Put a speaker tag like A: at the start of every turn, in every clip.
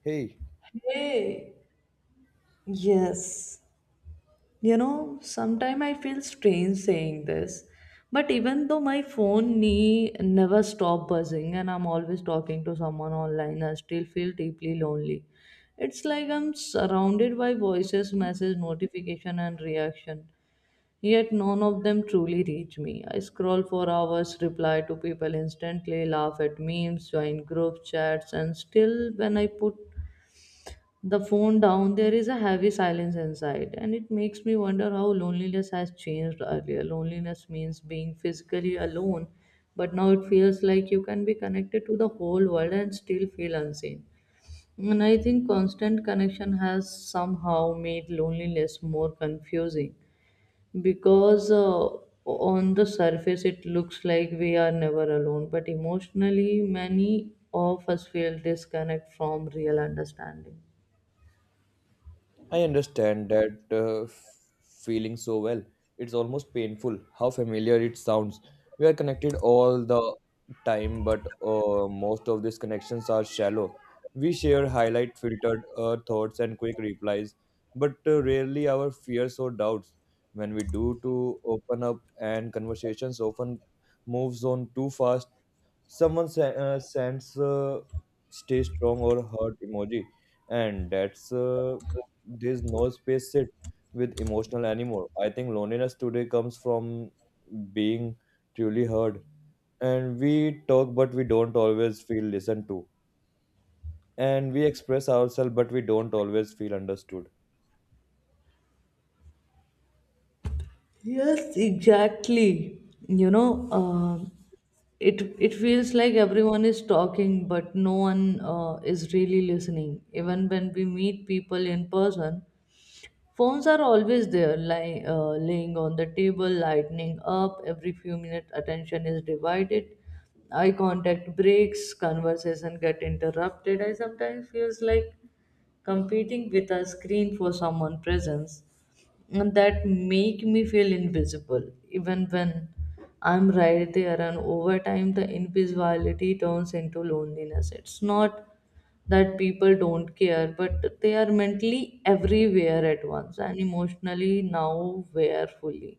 A: Hey,
B: Hey, yes. You know, sometimes I feel strange saying this, but even though my phone knee never stop buzzing and I'm always talking to someone online, I still feel deeply lonely. It's like I'm surrounded by voices, message, notification, and reaction. Yet none of them truly reach me. I scroll for hours, reply to people instantly, laugh at memes, join group chats, and still when I put the phone down, there is a heavy silence inside, and it makes me wonder how loneliness has changed earlier. Loneliness means being physically alone, but now it feels like you can be connected to the whole world and still feel unseen. And I think constant connection has somehow made loneliness more confusing because on the surface it looks like we are never alone, but emotionally, many of us feel disconnect from real understanding.
A: I understand that feeling so well. It's almost painful how familiar it sounds. We are connected all the time, but most of these connections are shallow. We share highlight filtered thoughts and quick replies, but rarely our fears or doubts. When we do to open up and conversations often moves on too fast. Someone sends stay strong or hurt emoji, and that's there's no space sit with emotional anymore. I think loneliness today comes from being truly heard, and we talk, but we don't always feel listened to, and we express ourselves, but we don't always feel understood.
B: Yes, exactly. You know, um it feels like everyone is talking, but no one is really listening. Even when we meet people in person, phones are always there, lying laying on the table, lighting up. Every few minutes, attention is divided. Eye contact breaks, conversation get interrupted. I sometimes feels like competing with a screen for someone's presence, and that make me feel invisible even when I'm right there. And over time the invisibility turns into loneliness. It's not that people don't care, but they are mentally everywhere at once and emotionally now where fully.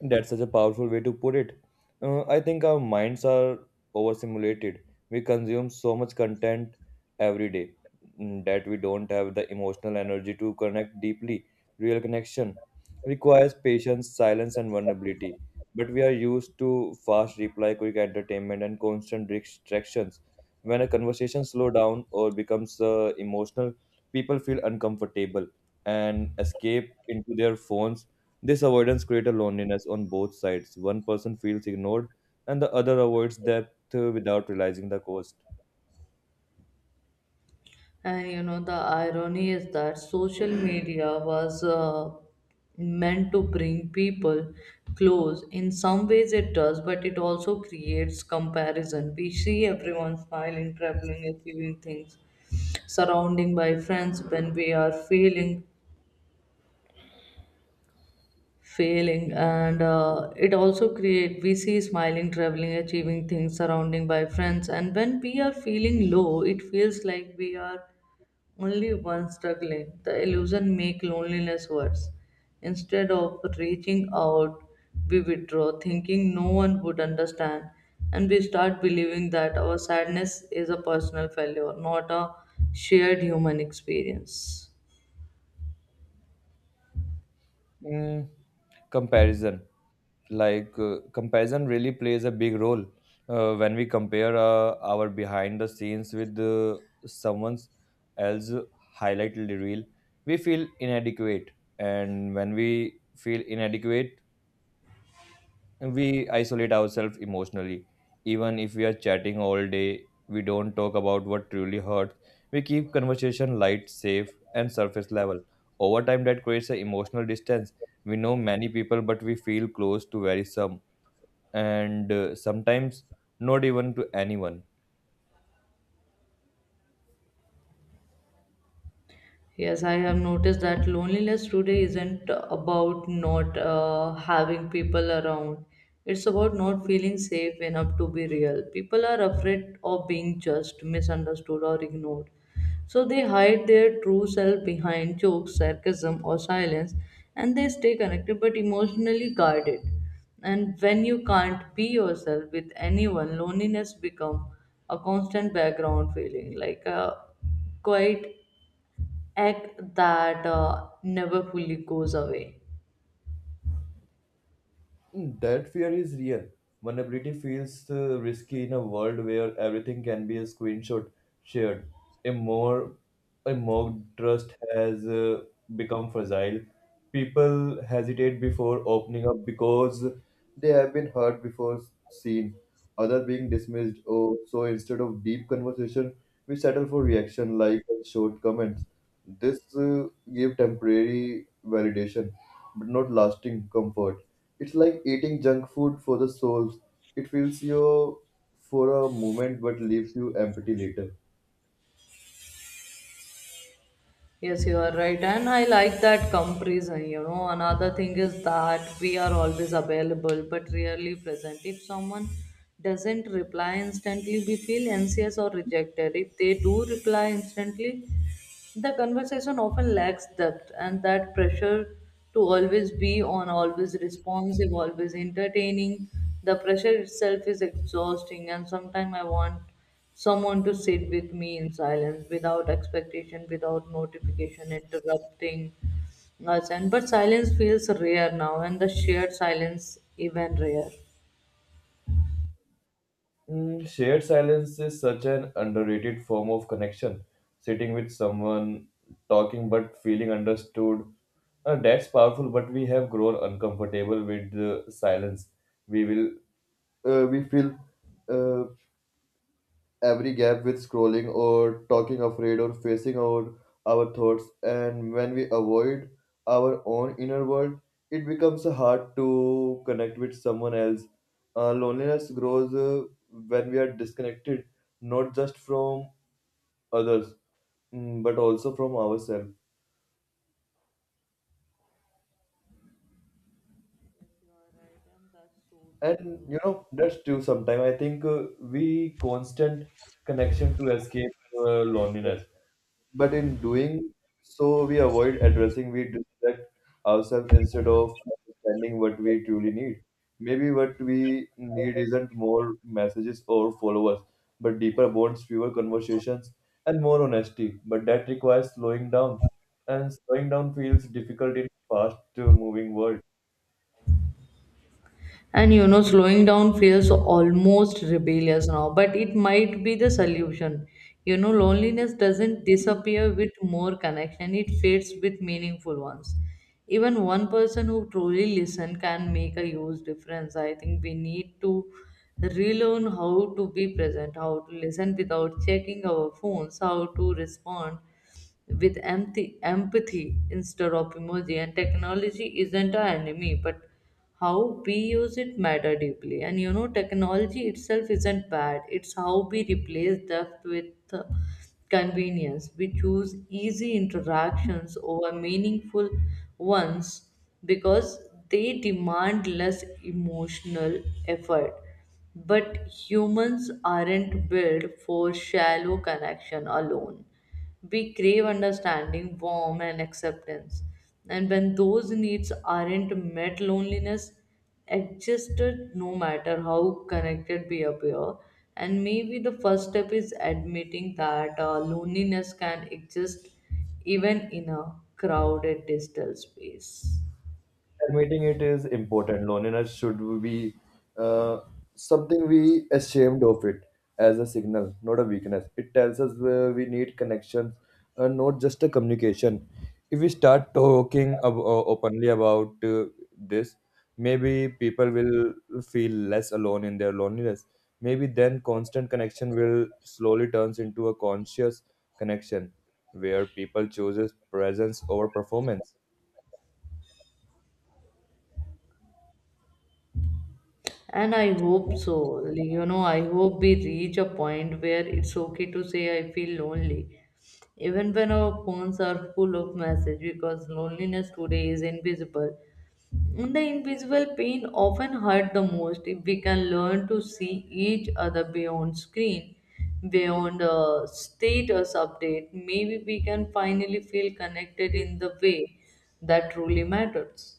A: That's such a powerful way to put it. I think our minds are overstimulated. We consume so much content every day, that we don't have the emotional energy to connect deeply. Real connection requires patience, silence, and vulnerability. But we are used to fast reply, quick entertainment, and constant distractions. When a conversation slows down or becomes emotional, people feel uncomfortable and escape into their phones. This avoidance creates a loneliness on both sides. One person feels ignored, and the other avoids depth without realizing the cost.
B: And you know, the irony is that social media was meant to bring people close. In some ways, it does, but it also creates comparison. We see everyone smiling, traveling, achieving things, surrounding by friends when we are feeling failing, and it also create we see smiling traveling achieving things surrounding by friends and when we are feeling low it feels like we are only one struggling. The illusion make loneliness worse. Instead of reaching out, we withdraw, thinking no one would understand, and we start believing that our sadness is a personal failure, not a shared human experience.
A: Mm, comparison comparison really plays a big role. When we compare our behind the scenes with someone else's highlighted reel, we feel inadequate, and when we feel inadequate, we isolate ourselves emotionally. Even if we are chatting all day, we don't talk about what truly hurts. We keep conversation light, safe and surface level. Over time that creates an emotional distance. We know many people but we feel close to very some, and sometimes not even to anyone.
B: Yes, I have noticed that loneliness today isn't about not having people around. It's about not feeling safe enough to be real. People are afraid of being judged, misunderstood, or ignored. So they hide their true self behind jokes, sarcasm, or silence, and they stay connected but emotionally guarded. And when you can't be yourself with anyone, loneliness becomes a constant background feeling, like a quiet act that never fully goes away.
A: Mm, that fear is real. Vulnerability feels risky in a world where everything can be a screenshot shared. A more a mock trust has become fragile. People hesitate before opening up because they have been hurt before, seen other being dismissed. Oh, so instead of deep conversation, we settle for reaction like short comments. This gave temporary validation, but not lasting comfort. It's like eating junk food for the souls. It fills you for a moment but leaves you empty later.
B: Yes, you are right, and I like that comparison. You know, another thing is that we are always available but rarely present. If someone doesn't reply instantly, we feel anxious or rejected. If they do reply instantly, the conversation often lacks depth, and that pressure to always be on, always responsive, always entertaining, the pressure itself is exhausting. And sometimes I want someone to sit with me in silence without expectation, without notification interrupting us. And But silence feels rare now, and the shared silence even rare.
A: Mm, shared silence is such an underrated form of connection. Sitting with someone, talking but feeling understood. That's powerful, but we have grown uncomfortable with the silence. We will, we feel, uh, every gap with scrolling or talking, afraid or facing our thoughts. And when we avoid our own inner world, it becomes hard to connect with someone else. Loneliness grows when we are disconnected not just from others, but also from ourselves.
B: Yes, you are right, and that's so true, you
A: And
B: know.
A: you know that's true. Sometimes I think we constant connection to escape loneliness, but in doing so, we avoid addressing, we distract ourselves instead of understanding what we truly need. Maybe what we need isn't more messages or followers, but deeper bonds, fewer conversations, and more honesty. But that requires slowing down, and slowing down feels difficult in fast-moving world.
B: And you know, slowing down feels almost rebellious now, but it might be the solution. You know, loneliness doesn't disappear with more connection, it fades with meaningful ones. Even one person who truly listens can make a huge difference. I think we need to relearn how to be present, how to listen without checking our phones, how to respond with empathy, empathy instead of emoji. And technology isn't our enemy, but how we use it matter deeply. And you know, technology itself isn't bad. It's how we replace depth with uh, convenience. We choose easy interactions over meaningful ones because they demand less emotional effort. But humans aren't built for shallow connection alone. We crave understanding, warmth, and acceptance. And when those needs aren't met, loneliness existed no matter how connected we appear. And maybe the first step is admitting that loneliness can exist even in a crowded digital space.
A: Admitting it is important. Loneliness should be uh, something we ashamed of it as a signal, not a weakness. It tells us where we need connections, not just a communication. If we start talking openly about this, maybe people will feel less alone in their loneliness. Maybe then constant connection will slowly turns into a conscious connection where people chooses presence over performance.
B: And I hope so. Like, you know, I hope we reach a point where it's okay to say I feel lonely. Even when our phones are full of messages, because loneliness today is invisible. And the invisible pain often hurt the most. If we can learn to see each other beyond screen, beyond a status update, maybe we can finally feel connected in the way that truly matters.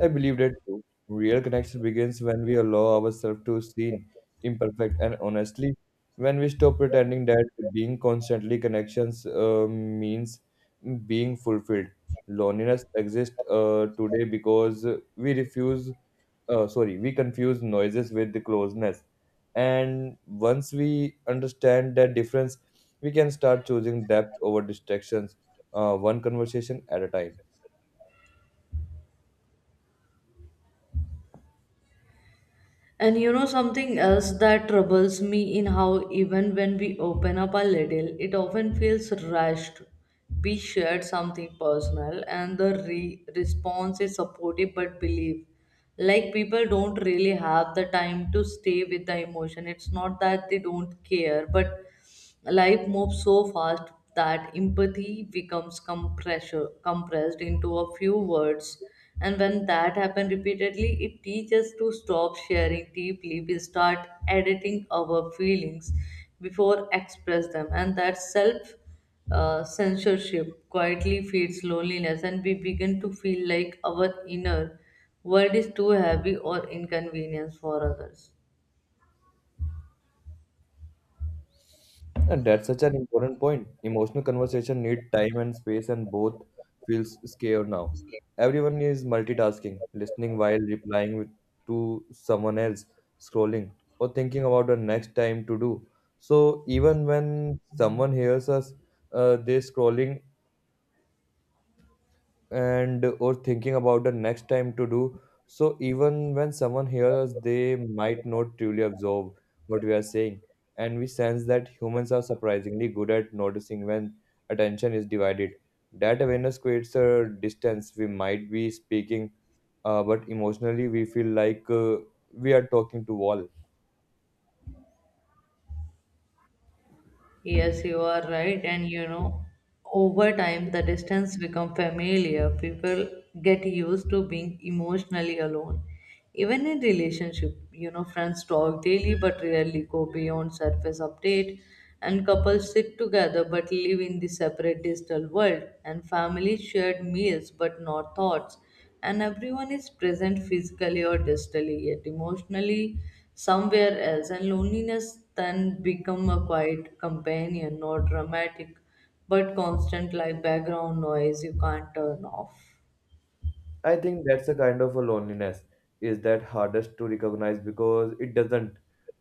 A: I believe that too. Real connection begins when we allow ourselves to seen imperfect and honestly, when we stop pretending that being constantly connections means being fulfilled. Loneliness exists today because we refuse, we confuse noises with the closeness. And once we understand that difference, we can start choosing depth over distractions, one conversation at a time.
B: And you know something else that troubles me in how even when we open up a little, it often feels rushed. We shared something personal and the response is supportive but believe. Like people don't really have the time to stay with the emotion. It's not that they don't care, but life moves so fast that empathy becomes compressed into a few words. And when that happens repeatedly, it teaches us to stop sharing deeply. We start editing our feelings before express them, and that self censorship quietly feeds loneliness, and we begin to feel like our inner world is too heavy or inconvenience for others.
A: And that's such an important point. Emotional conversation need time and space, and both feels scared now. Everyone is multitasking, listening while replying with, to someone else, scrolling, or thinking about the next time to do. So even when someone hears us, they scrolling and or thinking about the next time to do. So even when someone hears us, they might not truly absorb what we are saying. And we sense that humans are surprisingly good at noticing when attention is divided. That awareness creates a distance. We might be speaking, but emotionally we feel like we are talking to wall.
B: Yes, you are right. And you know, over time, the distance become familiar. People get used to being emotionally alone. Even in relationship, you know, friends talk daily but rarely go beyond surface update. And couples sit together but live in the separate digital world. And families shared meals but not thoughts, and everyone is present physically or digitally yet emotionally somewhere else. And loneliness then become a quiet companion, not dramatic but constant, like background noise you can't turn off.
A: I think that's a kind of a loneliness is that hardest to recognize because it doesn't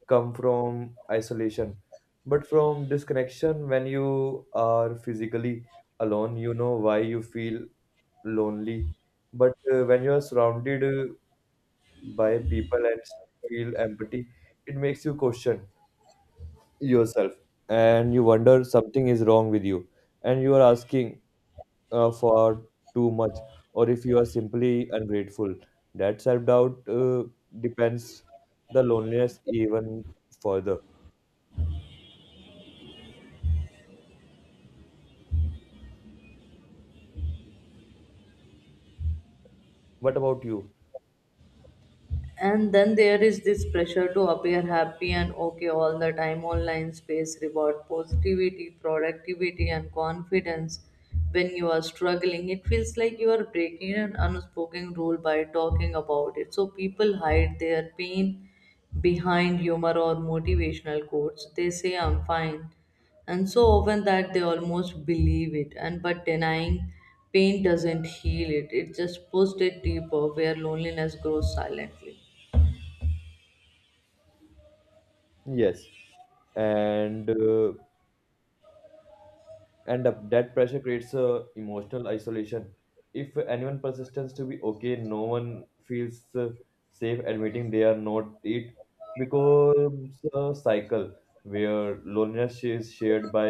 A: come from isolation, but from disconnection. When you are physically alone, you know why you feel lonely. But when you are surrounded by people and feel empathy, it makes you question yourself and you wonder something is wrong with you, and you are asking for too much or if you are simply ungrateful. That self doubt depends the loneliness even further. What about you?
B: And then there is this pressure to appear happy and okay all the time. Online space reward positivity, productivity and confidence. When you are struggling, it feels like you are breaking an unspoken rule by talking about it. So people hide their pain behind humor or motivational quotes. They say I'm fine, and so often that they almost believe it. And But denying pain doesn't heal it, it just pushes it deeper where loneliness grows silently.
A: Yes, and uh, and that pressure creates a emotional isolation. If anyone persists to be okay, no one feels safe admitting they are not. It becomes a cycle where loneliness is shared by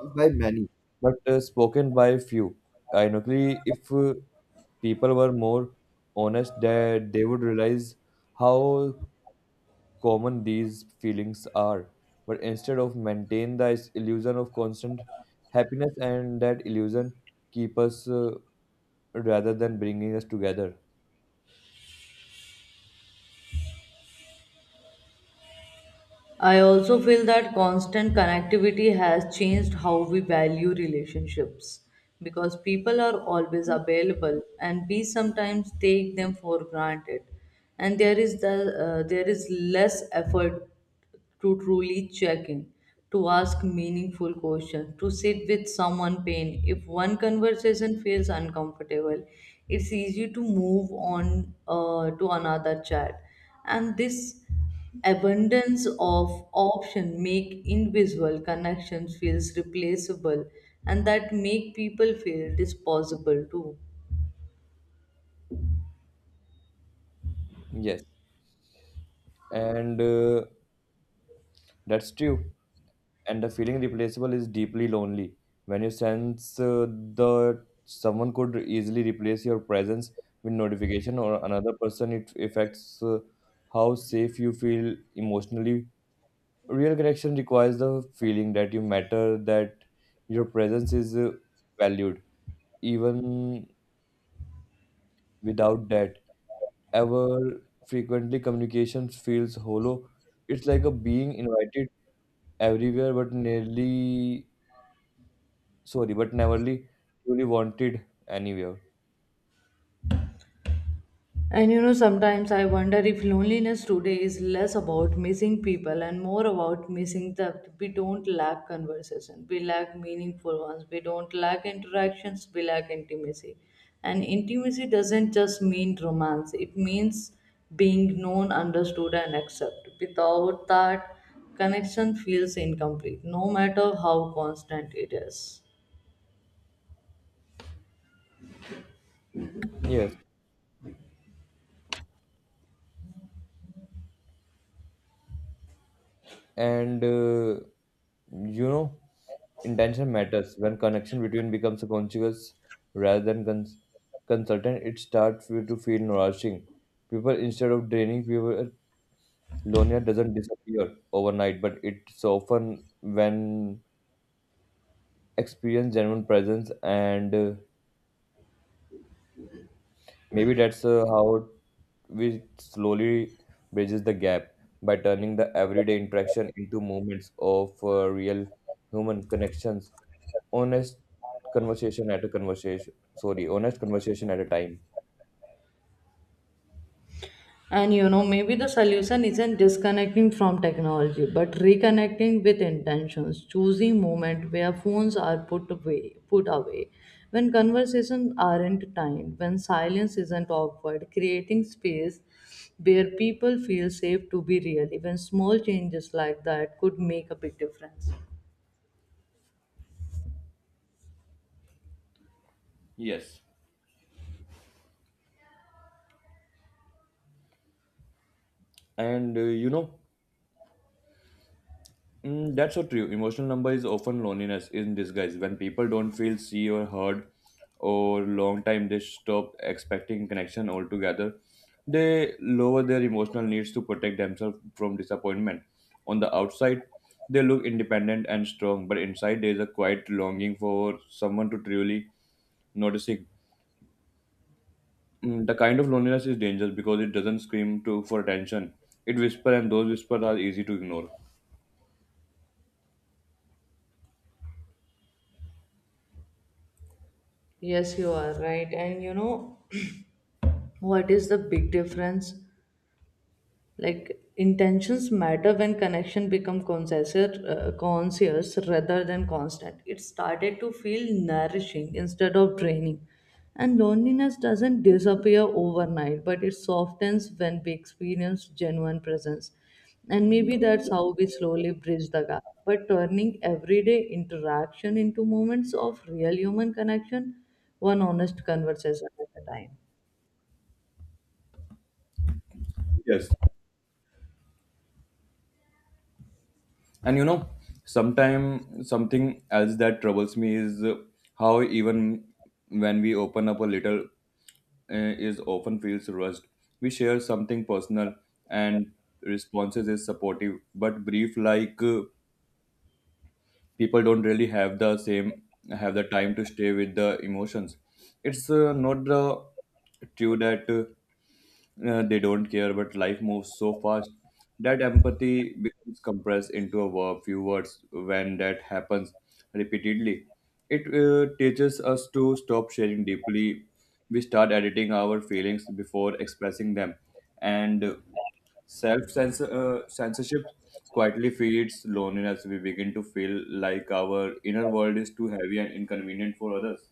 A: by many, but spoken by few. Ironically, if people were more honest, that they would realize how common these feelings are. But instead of maintain the illusion of constant happiness, and that illusion keep us rather than bringing us together.
B: I also feel that constant connectivity has changed how we value relationships, because people are always available and we sometimes take them for granted. And there is the There is less effort to truly check in, to ask meaningful questions, to sit with someone pain. If one conversation feels uncomfortable, it's easy to move on to another chat. And this abundance of option make invisible connections feels replaceable, and that make people feel disposable too.
A: Yes, and that's true. And the feeling replaceable is deeply lonely. When you sense that someone could easily replace your presence with notification or another person, it affects how safe you feel emotionally. Real connection requires the feeling that you matter, that your presence is valued. Even without that, ever frequently communication feels hollow. It's like a being invited everywhere but but never really truly wanted anywhere.
B: And you know, sometimes I wonder if loneliness today is less about missing people and more about missing that. We don't lack conversation, we lack meaningful ones. We don't lack interactions, we lack intimacy. And intimacy doesn't just mean romance, it means being known, understood, and accepted. Without that, connection feels incomplete, no matter how constant it is.
A: Yes, and you know, intention matters when connection between becomes a conscious rather than consultant. It starts you to feel nourishing. People instead of draining people, loneliness doesn't disappear overnight, but it's often when experience genuine presence, and maybe that's how which slowly bridges the gap by turning the everyday interaction into moments of real human connections, honest honest conversation at a time.
B: And you know, maybe the solution isn't disconnecting from technology, but reconnecting with intentions, choosing moment where phones are put away, when conversations aren't timed, when silence isn't awkward, creating space where people feel safe to be real. Even small changes like that could make a big difference.
A: And uh, you know, Mm, that's so true. Emotional number is often loneliness in disguise. When people don't feel seen or heard, or long time they stop expecting connection altogether, they lower their emotional needs to protect themselves from disappointment. On the outside, they look independent and strong, but inside there is a quiet longing for someone to truly noticing. Mm, the kind of loneliness is dangerous because it doesn't scream to for attention. It whispers, and those whispers are easy to ignore.
B: Yes, you are right. And you know, what is the big difference? Like, intentions matter when connection become conscious rather than constant. It started to feel nourishing instead of draining, and loneliness doesn't disappear overnight, but it softens when we experience genuine presence. And maybe that's how we slowly bridge the gap, but turning everyday interaction into moments of real human connection, one honest conversation at a time.
A: Yes. And you know, sometime something else that troubles me is how even when we open up a little, is often feels rushed. We share something personal and responses is supportive but brief. Like people don't really have the time to stay with the emotions. It's not the true that they don't care, but life moves so fast that empathy becomes compressed into a few words. When that happens repeatedly, it teaches us to stop sharing deeply. We start editing our feelings before expressing them, and self censorship quietly feeds loneliness. We begin to feel like our inner world is too heavy and inconvenient for others.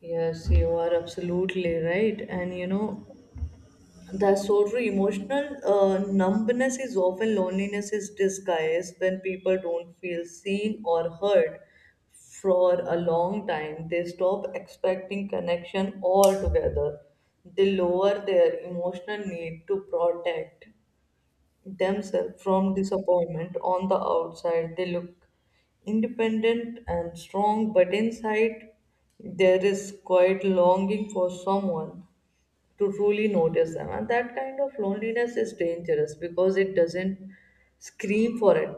B: Yes, you are absolutely right. And you know, that's so true. Emotional numbness is often loneliness is disguised. When people don't feel seen or heard for a long time, they stop expecting connection altogether. They lower their emotional need to protect themselves from disappointment. On the outside, they look independent and strong, but inside there is quite longing for someone to truly notice them. And that kind of loneliness is dangerous because it doesn't scream for it.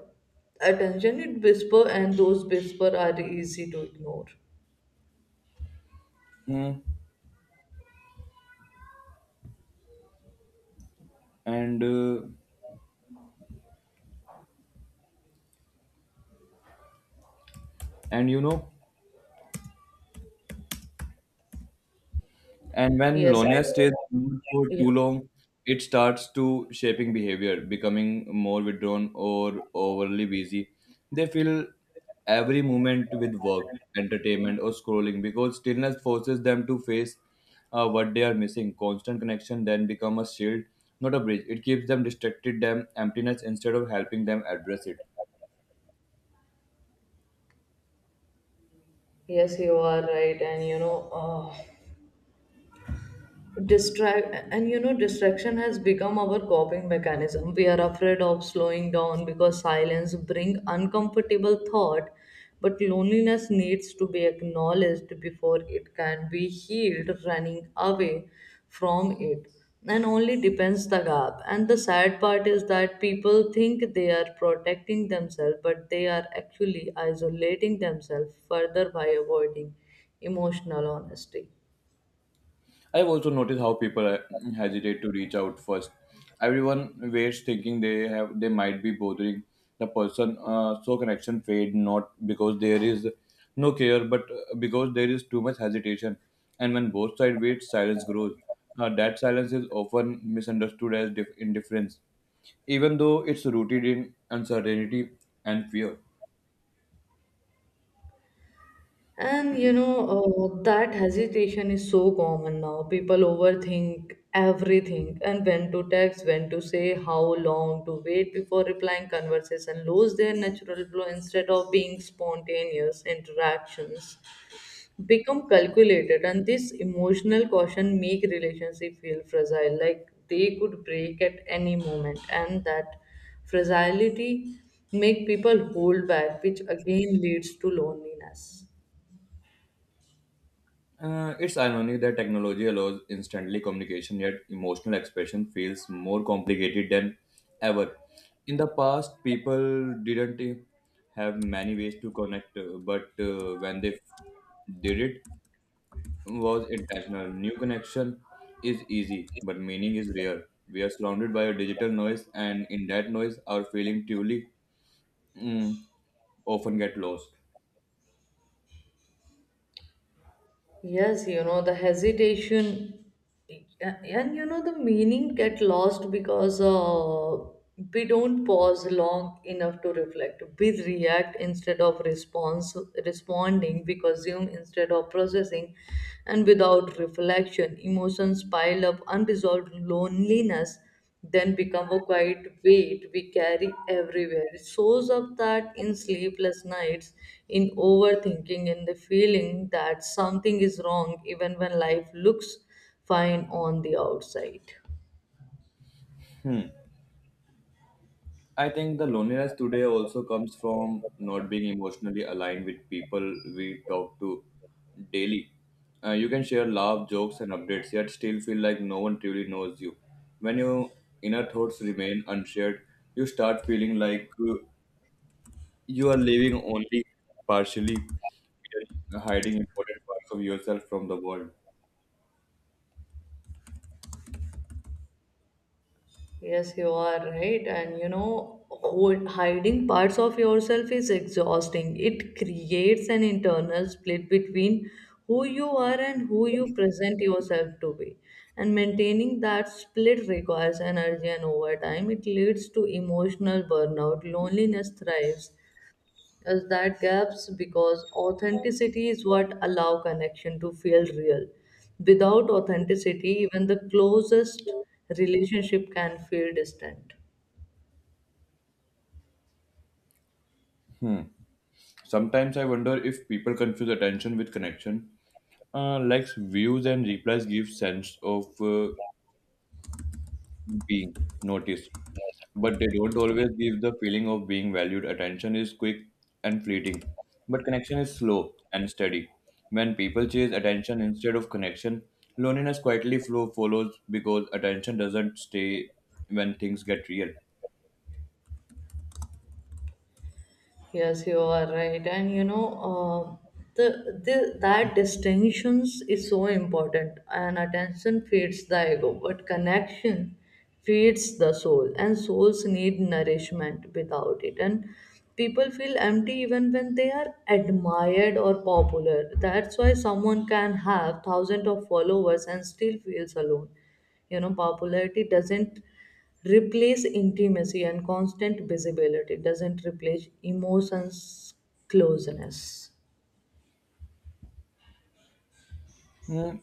B: Attention, it whisper, and those whisper are easy to ignore.
A: Hmm. And uh, and And when
B: Yes,
A: loneliness
B: and
A: stays ignored for
B: yeah,
A: too long, it starts to shaping behavior, becoming more withdrawn or overly busy. They fill every moment with work, entertainment, or scrolling because stillness forces them to face what they are missing. Constant connection then become a shield, not a bridge. It keeps them distracted, them emptiness instead of helping them address it.
B: yes, you are right, and you know, uh, distraction has become our coping mechanism. We are afraid of slowing down because silence bring uncomfortable thought, but loneliness needs to be acknowledged before it can be healed. Running away from it and only depends the gap. And the sad part is that people think they are protecting themselves, but they are actually isolating themselves further by avoiding emotional honesty.
A: I've also noticed how people hesitate to reach out first. Everyone waits thinking they might be bothering the person, so connection fade not because there is no care, but because there is too much hesitation. And when both sides wait, silence grows. That silence is often misunderstood as indifference, even though it's rooted in uncertainty and fear.
B: And you know, that hesitation is so common now. People overthink everything, and when to text, when to say, how long to wait before replying. Conversation lose their natural flow. Instead of being spontaneous, interactions become calculated, and this emotional caution make relationship feel fragile, like they could break at any moment, and that fragility make people hold back, which again leads to loneliness.
A: It's ironic that technology allows instantly communication, yet emotional expression feels more complicated than ever. In the past, people didn't have many ways to connect, but when they did it, was intentional. New connection is easy, but meaning is rare. We are surrounded by a digital noise, and in that noise, our feeling truly mm, often get lost.
B: Yes, you know, the hesitation and you know, the meaning get lost because we don't pause long enough to reflect. We react instead of responding, we consume instead of processing, and without reflection, emotions pile up, unresolved loneliness then become a quiet weight we carry everywhere. It shows up that in sleepless nights, in overthinking, in the feeling that something is wrong even when life looks fine on the outside.
A: Hmm. I think the loneliness today also comes from not being emotionally aligned with people we talk to daily. You can share love, jokes, and updates, yet still feel like no one truly knows you. When your inner thoughts remain unshared, you start feeling like you are living only partially, hiding important parts of yourself from the world.
B: Yes, you are right. And you know, hiding parts of yourself is exhausting. It creates an internal split between who you are and who you present yourself to be. And maintaining that split requires energy, and over time, it leads to emotional burnout. Loneliness thrives is that gaps because authenticity is what allow connection to feel real without authenticity, even the closest relationship can feel distant.
A: Hmm. Sometimes I wonder if people confuse attention with connection. Likes, views, and replies give sense of being noticed, but they don't always give the feeling of being valued. Attention is quick and fleeting, but connection is slow and steady. When people chase attention instead of connection, loneliness quietly flow follows because attention doesn't stay when things get real.
B: Yes, you are right, and you know, the that distinctions is so important. And attention feeds the ego, but connection feeds the soul, and souls need nourishment without it. And people feel empty even when they are admired or popular. That's why someone can have thousands of followers and still feels alone. You know, popularity doesn't replace intimacy, and constant visibility, it doesn't replace emotions closeness.
A: Hmm.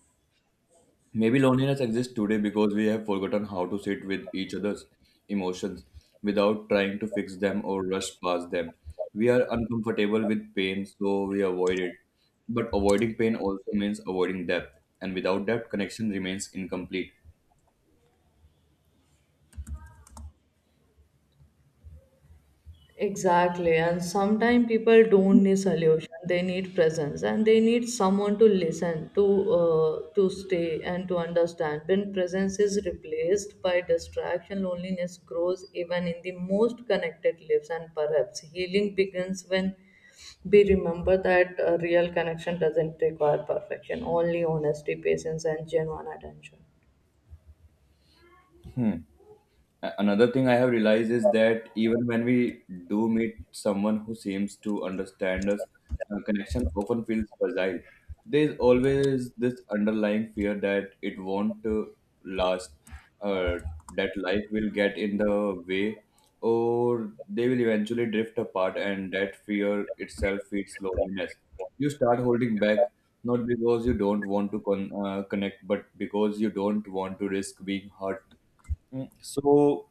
A: Maybe loneliness exists today because we have forgotten how to sit with each other's emotions without trying to fix them or rush past them. We are uncomfortable with pain, so we avoid it. But avoiding pain also means avoiding depth, and without depth, connection remains incomplete.
B: Exactly, and sometimes people don't need solution. They need presence, and they need someone to listen, to stay, and to understand. When presence is replaced by distraction, loneliness grows even in the most connected lives, and perhaps healing begins when be remember that a real connection doesn't require perfection, only honesty, patience, and genuine attention.
A: Hmm. Another thing I have realized is that even when we do meet someone who seems to understand us, a connection often feels fragile. There is always this underlying fear that it won't last, uh, that life will get in the way, or they will eventually drift apart, and that fear itself feeds loneliness. You start holding back not because you don't want to connect, but because you don't want to risk being hurt. So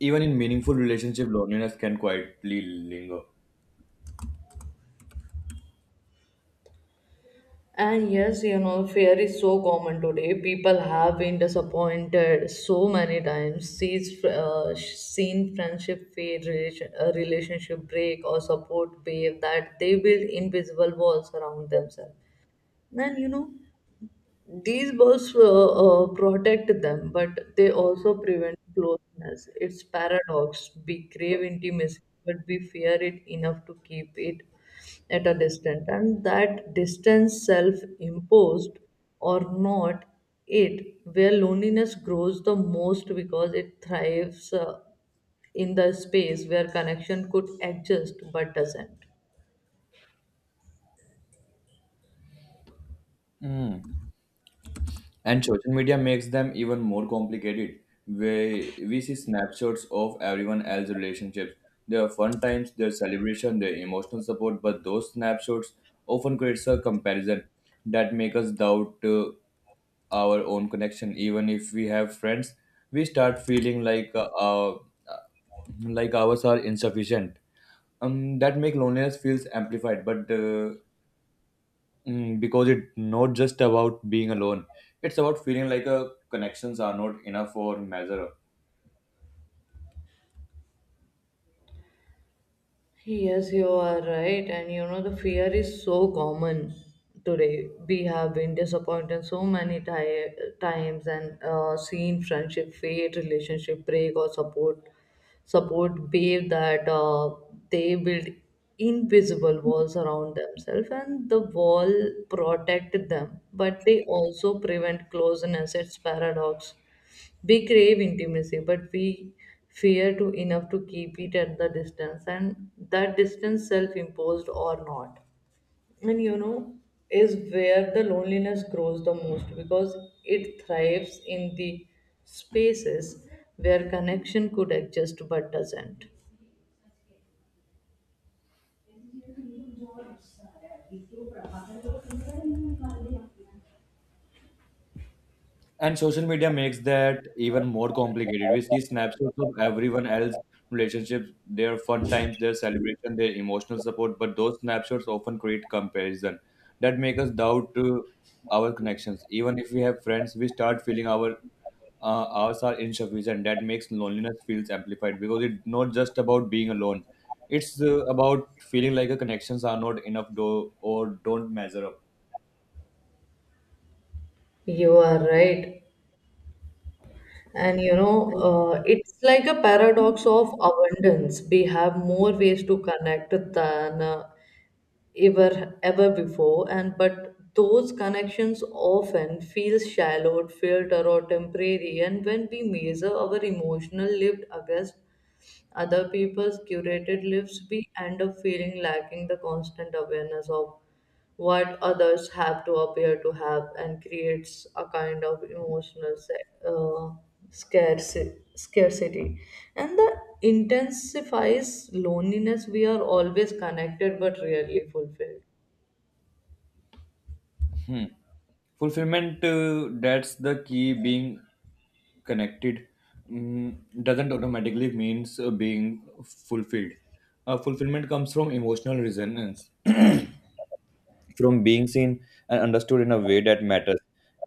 A: even in meaningful relationship, loneliness can quietly linger.
B: And yes, you know, fear is so common today. People have been disappointed so many times, seen friendship fade, relationship break, or support wave, that they build invisible walls around themselves. Then, you know, these buffs protect them, but they also prevent closeness. It's paradox. We crave intimacy, but we fear it enough to keep it at a distance. And that distance, self imposed or not, it where loneliness grows the most because it thrives in the space where connection could exist but doesn't.
A: Hmm. And social media makes them even more complicated. We see snapshots of everyone else's relationships, their fun times, their celebration, their emotional support, but those snapshots often creates a comparison that make us doubt our own connection. Even if we have friends, we start feeling like ours are insufficient. That make loneliness feels amplified, but because it's not just about being alone. It's about feeling like a connections are not enough or measure.
B: Yes, you are right. And you know, the fear is so common today. We have been disappointed so many times, and seen friendship fade, relationship break, or support wave, that they build invisible walls around themselves, and the wall protect them, but they also prevent closeness. It's paradox. We crave intimacy, but we fear to enough to keep it at the distance, and that distance, self imposed or not, and you know, is where the loneliness grows the most because it thrives in the spaces where connection could exist but doesn't.
A: And social media makes that even more complicated. We see snapshots of everyone else's relationships, their fun times, their celebration, their emotional support, but those snapshots often create comparison that make us doubt our connections. Even if we have friends, we start feeling our ours are insufficient. That makes loneliness feels amplified because it's not just about being alone. It's about feeling like your connections are not enough or don't measure up.
B: You are right. And you know, it's like a paradox of abundance. We have more ways to connect than ever before, and but those connections often feel shallow, filtered, or temporary, and when we measure our emotional lived against other people's curated lives, we end up feeling lacking the constant awareness of what others have to appear to have, and creates a kind of emotional scarcity. And the intensifies loneliness. We are always connected but rarely fulfilled.
A: Hmm. Fulfillment, that's the key. Being connected, mm, doesn't automatically means being fulfilled. Fulfillment comes from emotional resonance, from being seen and understood in a way that matters.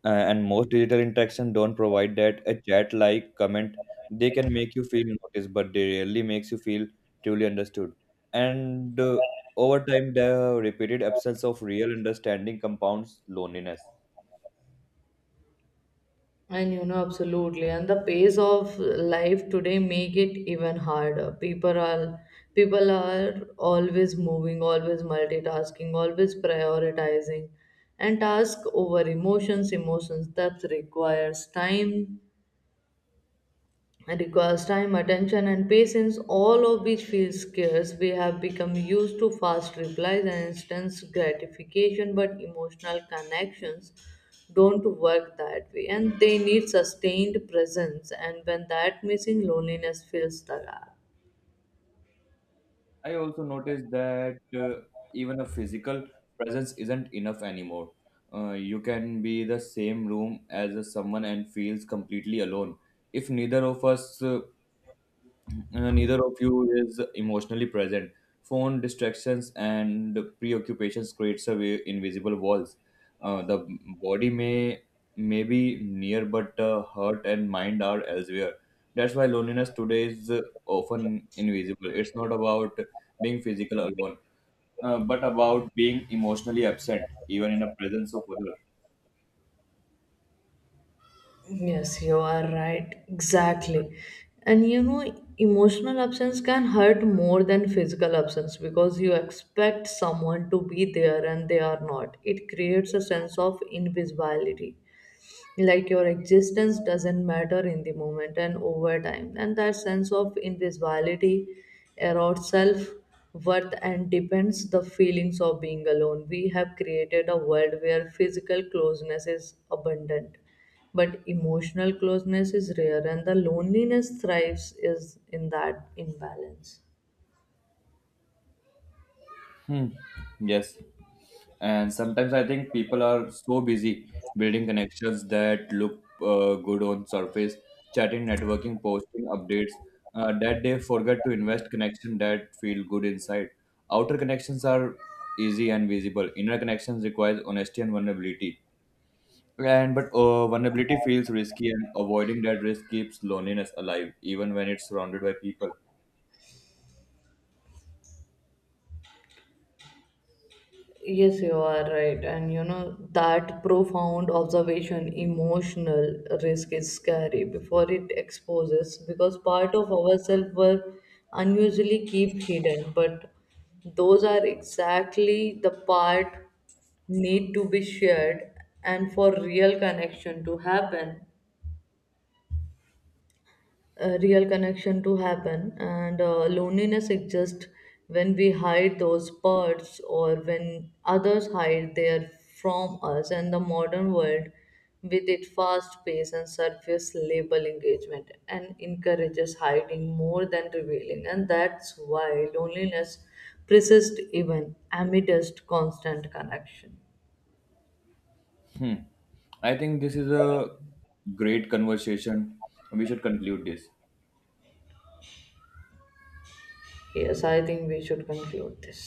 A: And most digital interaction don't provide that. A chat, like, comment, they can make you feel noticed, but they rarely makes you feel truly understood. And Over time, the repeated absence of real understanding compounds loneliness.
B: And you know, absolutely. And the pace of life today make it even harder. People are always moving, always multitasking, always prioritizing. And task over emotions, emotions that requires time, attention, and patience, all of which feels scarce. We have become used to fast replies and instant gratification, but emotional connections don't work that way, and they need sustained presence. And when that missing, loneliness fills the gap.
A: I also noticed that even a physical presence isn't enough anymore. You can be the same room as someone and feels completely alone. If neither of us neither of you is emotionally present. Phone distractions and preoccupations creates a way, invisible walls. The body may be near, but heart and mind are elsewhere. That's why loneliness today is often invisible. It's not about being physical alone, but about being emotionally absent, even in the presence of others.
B: Yes, you are right. Exactly. And you know, emotional absence can hurt more than physical absence because you expect someone to be there and they are not. It creates a sense of invisibility, like your existence doesn't matter in the moment, and over time, and that sense of invisibility erodes self worth and depends the feelings of being alone. We have created a world where physical closeness is abundant, but emotional closeness is rare, and the loneliness thrives is in that imbalance.
A: Hmm. Yes. And sometimes I think people are so busy building connections that look good on surface, chatting, networking, posting updates, that they forget to invest connection that feel good inside. Outer connections are easy and visible. Inner connections requires honesty and vulnerability. And but vulnerability feels risky, and avoiding that risk keeps loneliness alive, even when it's surrounded by people.
B: Yes, you are right. And you know, that profound observation, emotional risk is scary before it exposes because part of ourselves were unusually keep hidden. But those are exactly the part need to be shared and for real connection to happen a real connection to happen, and loneliness exists when we hide those parts or when others hide their from us, and the modern world, with its fast pace and surface level engagement, and encourages hiding more than revealing, and that's why loneliness persists even amidst constant connection.
A: Hmm. I think this is a great conversation. We should conclude this.
B: Yes, I think we should conclude this.